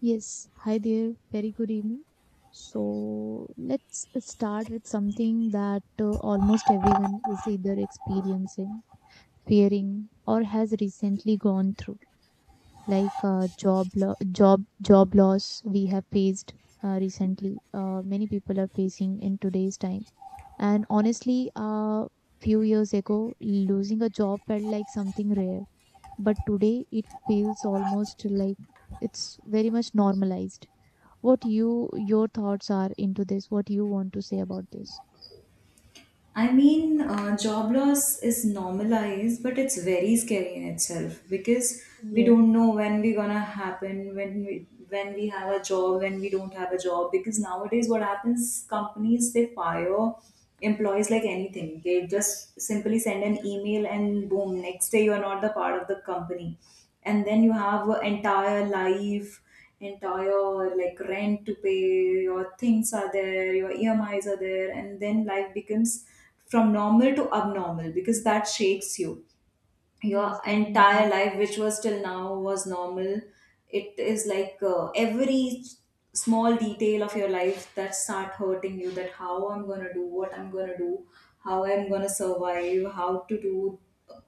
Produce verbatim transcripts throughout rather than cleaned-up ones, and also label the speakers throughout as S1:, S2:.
S1: Yes, hi there. Very good evening. So let's start with something that uh, almost everyone is either experiencing, fearing, or has recently gone through, like uh, job lo- job job loss we have faced uh, recently. Uh, many people are facing in today's time, and honestly, uh, few years ago, losing a job felt like something rare, but today it feels almost like it's very much normalized. What you your thoughts are into this, what you want to say about this.
S2: I mean, uh, job loss is normalized, but it's very scary in itself because we
S1: Yeah,
S2: don't know when we're gonna happen, when we when we have a job, when we don't have a job. Because nowadays, what happens? Companies they fire employees like anything. They just simply send an email and boom, next day you are not the part of the company, and then you have an entire life entire like rent to pay, your things are there, your E M Is are there, and then life becomes from normal to abnormal because that shakes you your
S1: yes,
S2: entire
S1: definitely.
S2: life which was till now was normal. It is like uh, every small detail of your life that start hurting you, that how I'm going to do, what I'm going to do, how I'm going to survive, how to do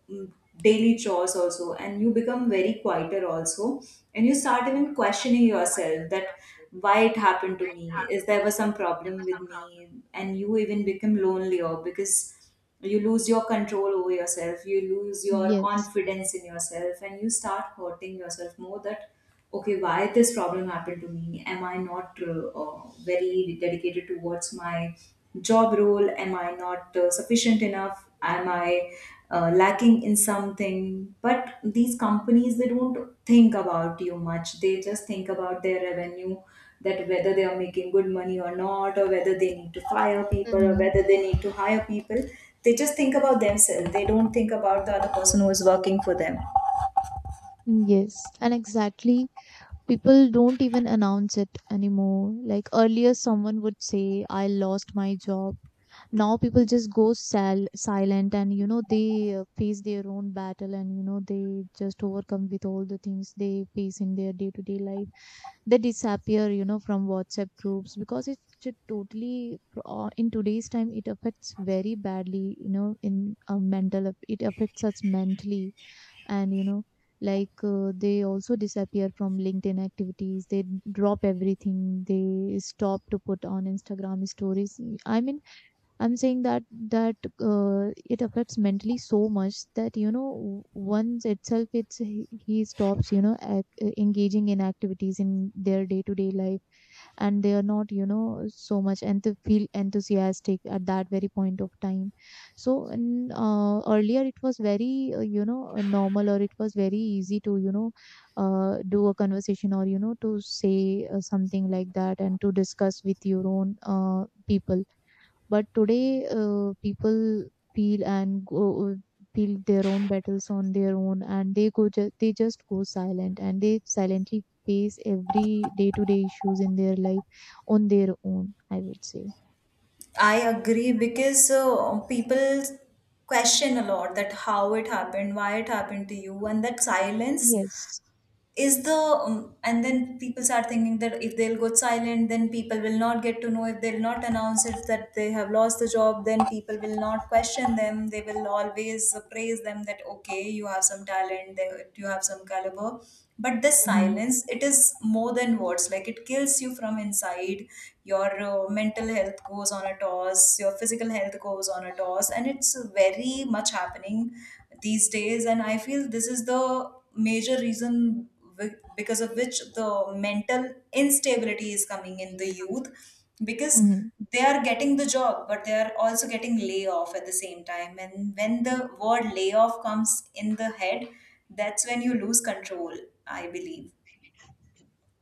S2: um, daily chores also, and you become very quieter also, and you start even questioning yourself that why it happened to me, is there was some problem with me, and you even become lonelier because you lose your control over yourself, you lose your
S1: Yes.
S2: confidence in yourself, and you start hurting yourself more that okay, why this problem happened to me, am I not uh, uh, very dedicated towards my job role, am I not uh, sufficient enough, am I uh, lacking in something. But these companies they don't think about you much, they just think about their revenue, that whether they are making good money or not, or whether they need to fire people, or
S1: Mm-hmm.
S2: whether they need to hire people. They just think about themselves. They don't think about the other person who is working for them.
S1: Yes, and exactly, people don't even announce it anymore. Like earlier, someone would say, I lost my job. Now people just go sal- silent, and you know they uh, face their own battle, and you know they just overcome with all the things they face in their day to day life. They disappear, you know, from WhatsApp groups, because it should totally uh, in today's time it affects very badly, you know, in a mental it affects us mentally, and you know like uh, they also disappear from LinkedIn activities, they drop everything, they stop to put on Instagram stories. I mean, I'm saying that that uh, it affects mentally so much that you know once itself it's he he stops, you know ac- engaging in activities in their day to day life, and they are not you know so much, and they feel enthusiastic at that very point of time. So in uh, earlier, it was very uh, you know uh, normal, or it was very easy to you know uh, do a conversation, or you know to say uh, something like that, and to discuss with your own uh, people. But today, uh, people feel and go feel their own battles on their own, and they go ju- they just go silent, and they silently face every day to day issues in their life on their own, I would say.
S2: I agree because uh, people question a lot that how it happened, why it happened to you, and that silence
S1: Yes.
S2: is the um, and then people start thinking that if they'll go silent then people will not get to know, if they'll not announce it that they have lost the job then people will not question them, they will always praise them that okay, you have some talent, they- you have some caliber. But this
S1: Mm-hmm.
S2: silence, it is more than words, like it kills you from inside. Your uh, mental health goes on a toss, your physical health goes on a toss, and it's very much happening these days, and I feel this is the major reason wi- because of which the mental instability is coming in the youth, because they are getting the job but they are also getting layoff at the same time, and when the word layoff comes in the head, that's when you lose control, I believe.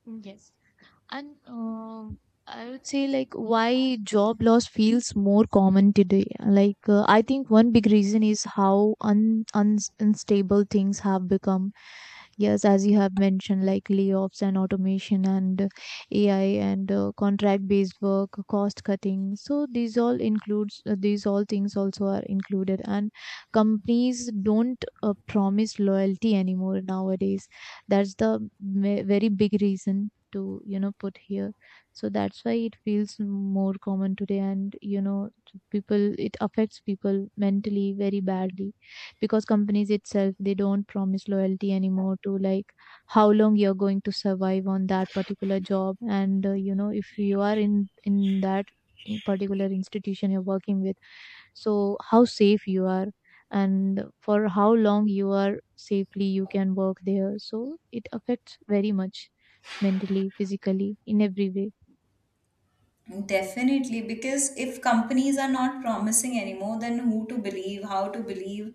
S1: Mm, yes. And um I would say, like, why job loss feels more common today. Like, uh, I think one big reason is how un, un unstable things have become. Yes, as you have mentioned, like layoffs and automation and A I and uh, contract-based work, cost cutting. So these all includes uh, these all things also are included, and companies don't uh, promise loyalty anymore nowadays. That's the ve- very big reason to you know put here. So that's why it feels more common today, and you know people, it affects people mentally very badly, because companies itself they don't promise loyalty anymore, to like how long you're going to survive on that particular job, and uh, you know if you are in in that, in particular institution you're working with, so how safe you are, and for how long you are safely you can work there. So it affects very much, mentally, physically, in every way.
S2: Definitely, because if companies are not promising anymore, then who to believe, how to believe.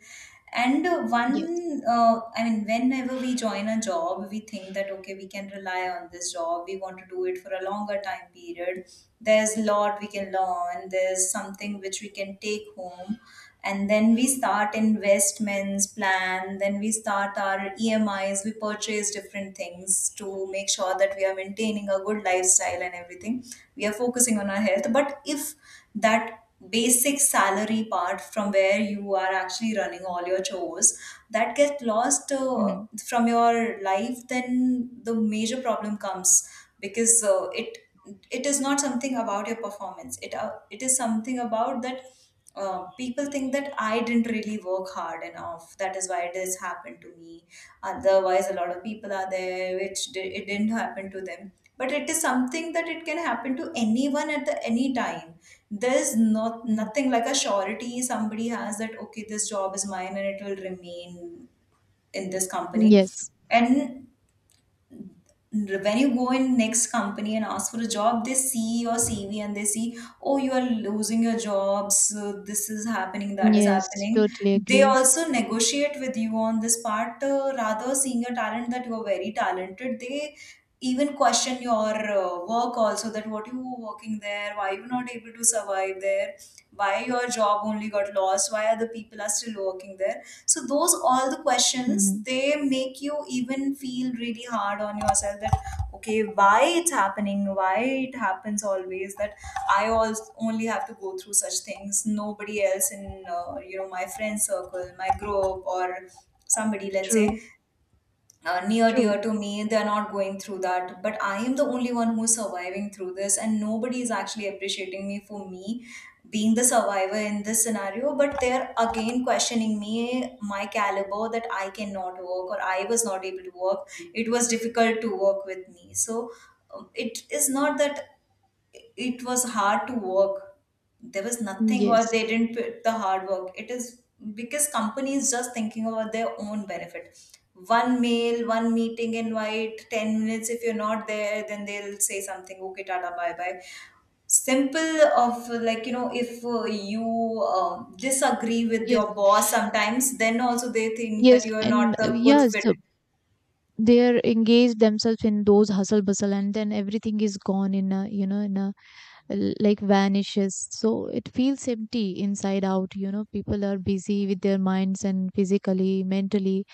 S2: And uh,
S1: Yes.
S2: one, uh, I mean, whenever we join a job, we think that okay, we can rely on this job, we want to do it for a longer time period. There's a lot we can learn, there's something which we can take home, and then we start investments plan, then we start our EMIs, we purchase different things to make sure that we are maintaining a good lifestyle and everything, we are focusing on our health. But if that basic salary part from where you are actually running all your chores, that gets lost uh,
S1: Hmm.
S2: from your life, then the major problem comes. Because uh, it, it is not something about your performance, it uh, it is something about that uh, people think that I didn't really work hard enough, that is why this happened to me. Otherwise, a lot of people are there which di- it didn't happen to them. But it is something that it can happen to anyone at the any time. There's not
S1: Hmm.
S2: nothing like a surety somebody has that okay, this job is mine and it will remain in this company.
S1: Yes.
S2: And when you go in next company and ask for a job, they see your CV and they see oh, you are losing your jobs, uh, this is happening, that is
S1: Yes,
S2: happening.
S1: totally
S2: They
S1: agree.
S2: also negotiate with you on this part, uh, rather seeing your talent that you are very talented, they even question your uh, work also, that what you were working there, why you not able to survive there, why your job only got lost, why other people are still working there. So those all the
S1: Hmm.
S2: questions, they make you even feel really hard on yourself that okay, why it's happening, why it happens always, that I also only have to go through such things, nobody else in uh, you know my friend circle, my group, or somebody let's say
S1: True.
S2: uh, near
S1: True.
S2: dear to me, they're not going through that, but I am the only one who's surviving through this and nobody is actually appreciating me for me being the survivor in this scenario, but they're again questioning me, my caliber, that I cannot work, or I was not able to work, it was difficult to work with me. So um, it is not that it was hard to work, there was nothing, or
S1: Yes.
S2: they didn't put the hard work. It is because company is just thinking about their own benefit. One mail, one meeting invite, ten minutes if you're not there, then they'll say something okay, tata, bye bye. Simple of uh, like you know, if uh, you uh disagree with
S1: Yes.
S2: your boss sometimes, then also they think
S1: Yes,
S2: that you are
S1: and
S2: not
S1: uh,
S2: the good
S1: yes,
S2: fit.
S1: uh, they're engaged themselves in those hustle bustle, and then everything is gone in a, you know in a l- like, vanishes. So it feels empty inside out. You know, people are busy with their minds and physically, mentally,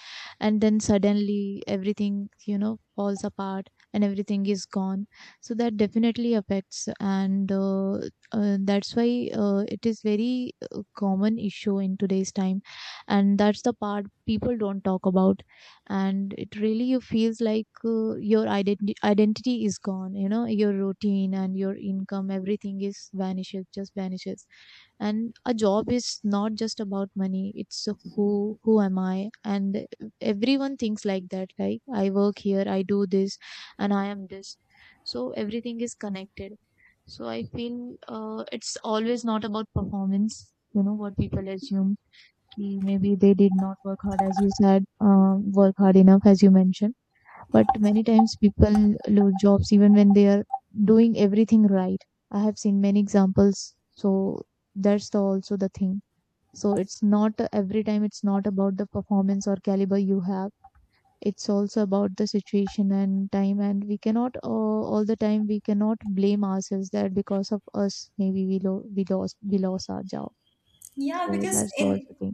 S1: and then suddenly everything, you know, falls apart, and everything is gone. So that definitely affects, and uh, uh, that's why uh, it is very uh, common issue in today's time, and that's the part people don't talk about. And it really, you feels like uh, your identi- identity is gone, you know your routine and your income, everything is vanishes, just vanishes. And a job is not just about money, it's who who am I. And everyone thinks like that, like, I work here, I do this, and I am this, so everything is connected. So I feel uh, it's always not about performance, you know what people assume, ki maybe they did not work hard, as you said, um, work hard enough, as you mentioned. But many times people lose jobs even when they are doing everything right. I have seen many examples. So that's the, also the thing. So it's not every time, it's not about the performance or caliber you have. It's also about the situation and time, and we cannot uh, all the time, we cannot blame ourselves that because of us maybe we, lo- we lost we lost our job.
S2: Yeah,
S1: So
S2: because
S1: that's the also
S2: in,
S1: thing.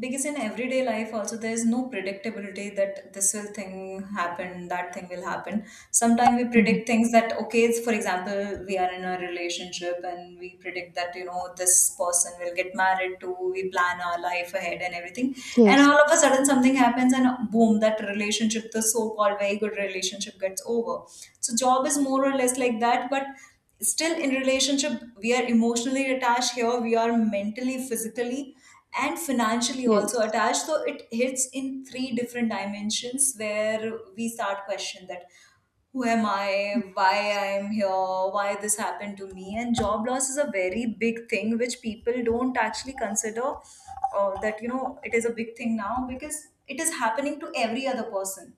S2: because in everyday life also there is no predictability that this will thing happen, that thing will happen. Sometimes we
S1: Mm-hmm.
S2: predict things that okay, it's, for example, we are in a relationship and we predict that you know this person will get married to, we plan our life ahead and everything, and
S1: Yes.
S2: all of a sudden something happens and boom, that relationship, the so-called very good relationship, gets over. So job is more or less like that, but still in relationship we are emotionally attached, here we are mentally, physically, and financially also
S1: Yes.
S2: attached, so it hits in three different dimensions where we start question that who am I, why I'm here, why this happened to me. And job loss is a very big thing which people don't actually consider, uh, that you know it is a big thing now because it is happening to every other person.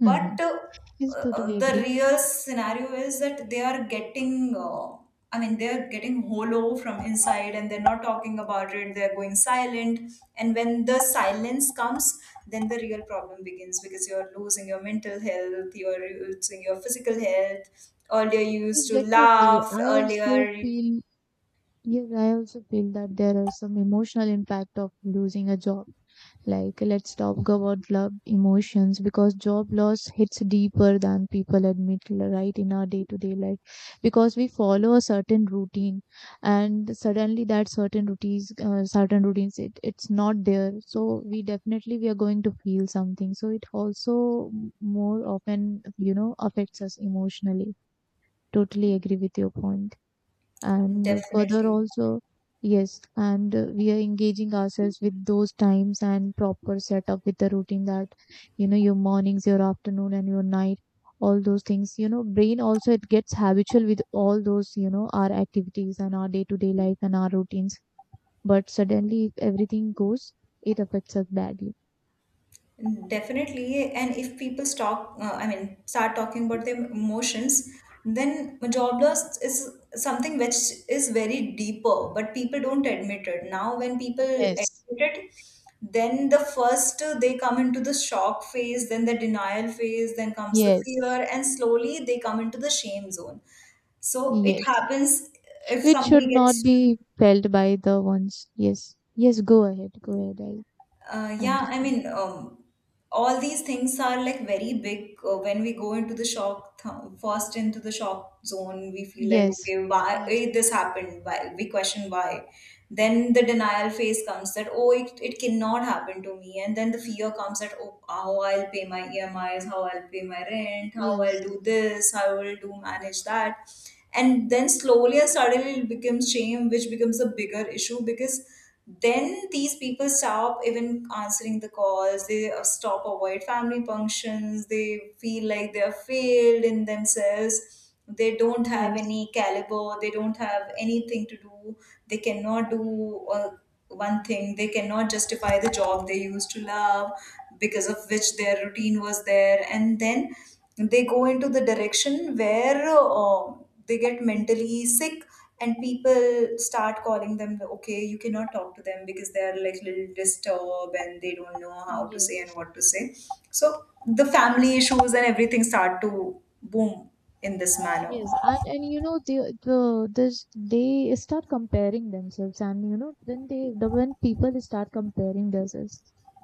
S1: Mm-hmm.
S2: But uh,
S1: Yes,
S2: uh,
S1: totally
S2: the
S1: agree.
S2: real scenario is that they are getting uh, I mean they're getting hollow from inside, and they're not talking about it, they're going silent. And when the silence comes, then the real problem begins, because you're losing your mental health, you're losing your physical health, earlier you used
S1: Yes,
S2: to
S1: definitely.
S2: laugh
S1: I
S2: earlier.
S1: also feel, yes, I also feel that there is some emotional impact of losing a job. Like, let's talk about love emotions, because job loss hits deeper than people admit, right, in our day to day life. Because we follow a certain routine, and suddenly that certain routines, uh, certain routines, it, it's not there. So we definitely, we are going to feel something. So it also m- more often, you know, affects us emotionally. Totally agree with your point, and further
S2: Definitely.
S1: also. Yes, and uh, we are engaging ourselves with those times and proper setup with the routine, that you know your mornings, your afternoon, and your night, all those things. You know brain also, it gets habitual with all those, you know our activities and our day to day life and our routines, but suddenly if everything goes, it affects us badly.
S2: Definitely, and if people stop, uh, I mean, start talking about their emotions, then job loss is something which is very deeper, but people don't admit it. Now, when people admit
S1: Yes.
S2: it, then the first uh, they come into the shock phase, then the denial phase, then comes the
S1: Yes.
S2: fear, and slowly they come into the shame zone. So it
S1: Yes,
S2: happens if
S1: which should
S2: somebody
S1: not
S2: gets
S1: be felt by the ones. Yes, yes, go ahead, go ahead, I
S2: Uh, yeah, I
S1: understand.
S2: mean, um, all these things are like very big uh, when we go into the shock, th- first into the shock zone, we feel like
S1: Yes,
S2: okay, why
S1: yes,
S2: eh, this happened? Why? We question why. Then the denial phase comes that oh, it, it cannot happen to me. And then the fear comes that oh, how I'll pay my E M Is, how I'll pay my rent, how
S1: yes,
S2: I'll do this, how I'll do manage that. And then slowly and suddenly it becomes shame, which becomes a bigger issue because then these people stop even answering the calls, they uh, stop avoid family functions, they feel like they are failed in themselves, they don't have
S1: yes,
S2: any caliber, they don't have anything to do, they cannot do uh, one thing, they cannot justify the job they used to love because of which their routine was there, and then they go into the direction where uh, they get mentally sick, and people start calling them the- okay you cannot talk to them because they are like little disturbed and they don't know how to say and
S1: yes,
S2: what to say. So the family issues and everything start to boom in this manner.
S1: yes. And and you know the the this, they start comparing themselves, and you know when they the when people start comparing themselves,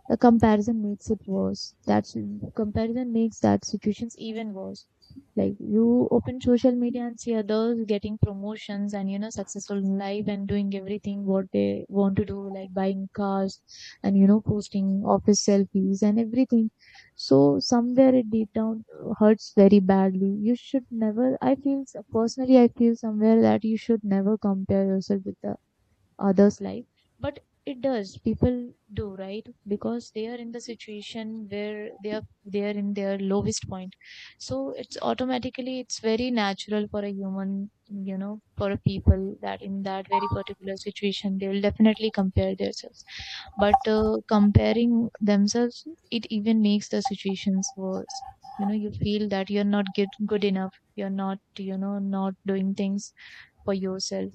S1: the comparison makes it worse. That's Comparison makes that situations even worse. Like, you open social media and see others getting promotions, and you know successful in life, and doing everything what they want to do, like buying cars, and you know posting office selfies, and everything. So somewhere it deep down uh, hurts very badly. You should never. I feel personally, I feel somewhere, that you should never compare yourself with others' life. But it does. People do, right? Because they are in the situation where they are they are in their lowest point. So it's automatically, it's very natural for a human, you know, for a people, that in that very particular situation they will definitely compare themselves. But uh, comparing themselves, it even makes the situations worse. You know, you feel that you're not get good enough. You're not, you know, not doing things for yourself,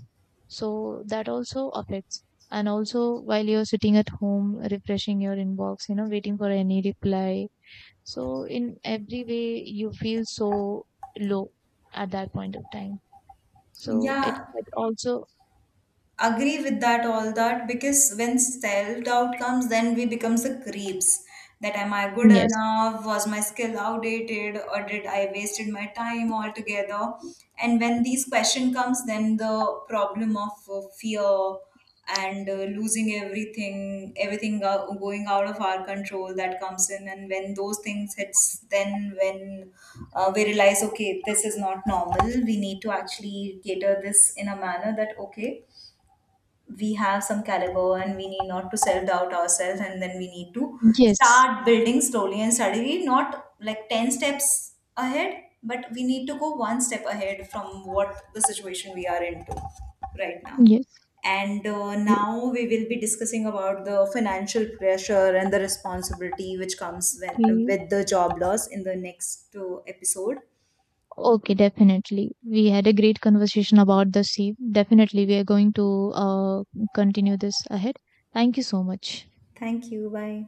S1: so that also affects. And also, while you're sitting at home refreshing your inbox, you know waiting for any reply, so in every way you feel so low at that point of time. So it,
S2: Yeah,
S1: it also.
S2: agree with that all that, because when self-doubt comes then we becomes the creeps, that am I good
S1: Yes,
S2: enough, was my skill outdated, or did I wasted my time altogether. And when these question comes, then the problem of uh, fear and uh, losing everything, everything go- going out of our control, that comes in. And when those things hits, then when uh, we realize okay, this is not normal, we need to actually cater this in a manner that okay, we have some caliber and we need not to self-doubt ourselves, and then we need to
S1: yes,
S2: start building slowly and steadily, not like ten steps ahead, but we need to go one step ahead from what the situation we are into right now.
S1: yes.
S2: And uh, now we will be discussing about the financial pressure and the responsibility which comes when,
S1: Okay.
S2: with the job loss in the next uh, episode.
S1: Okay, definitely we had a great conversation about the sea. Definitely we are going to uh, continue this ahead. Thank you so much.
S2: Thank you, bye.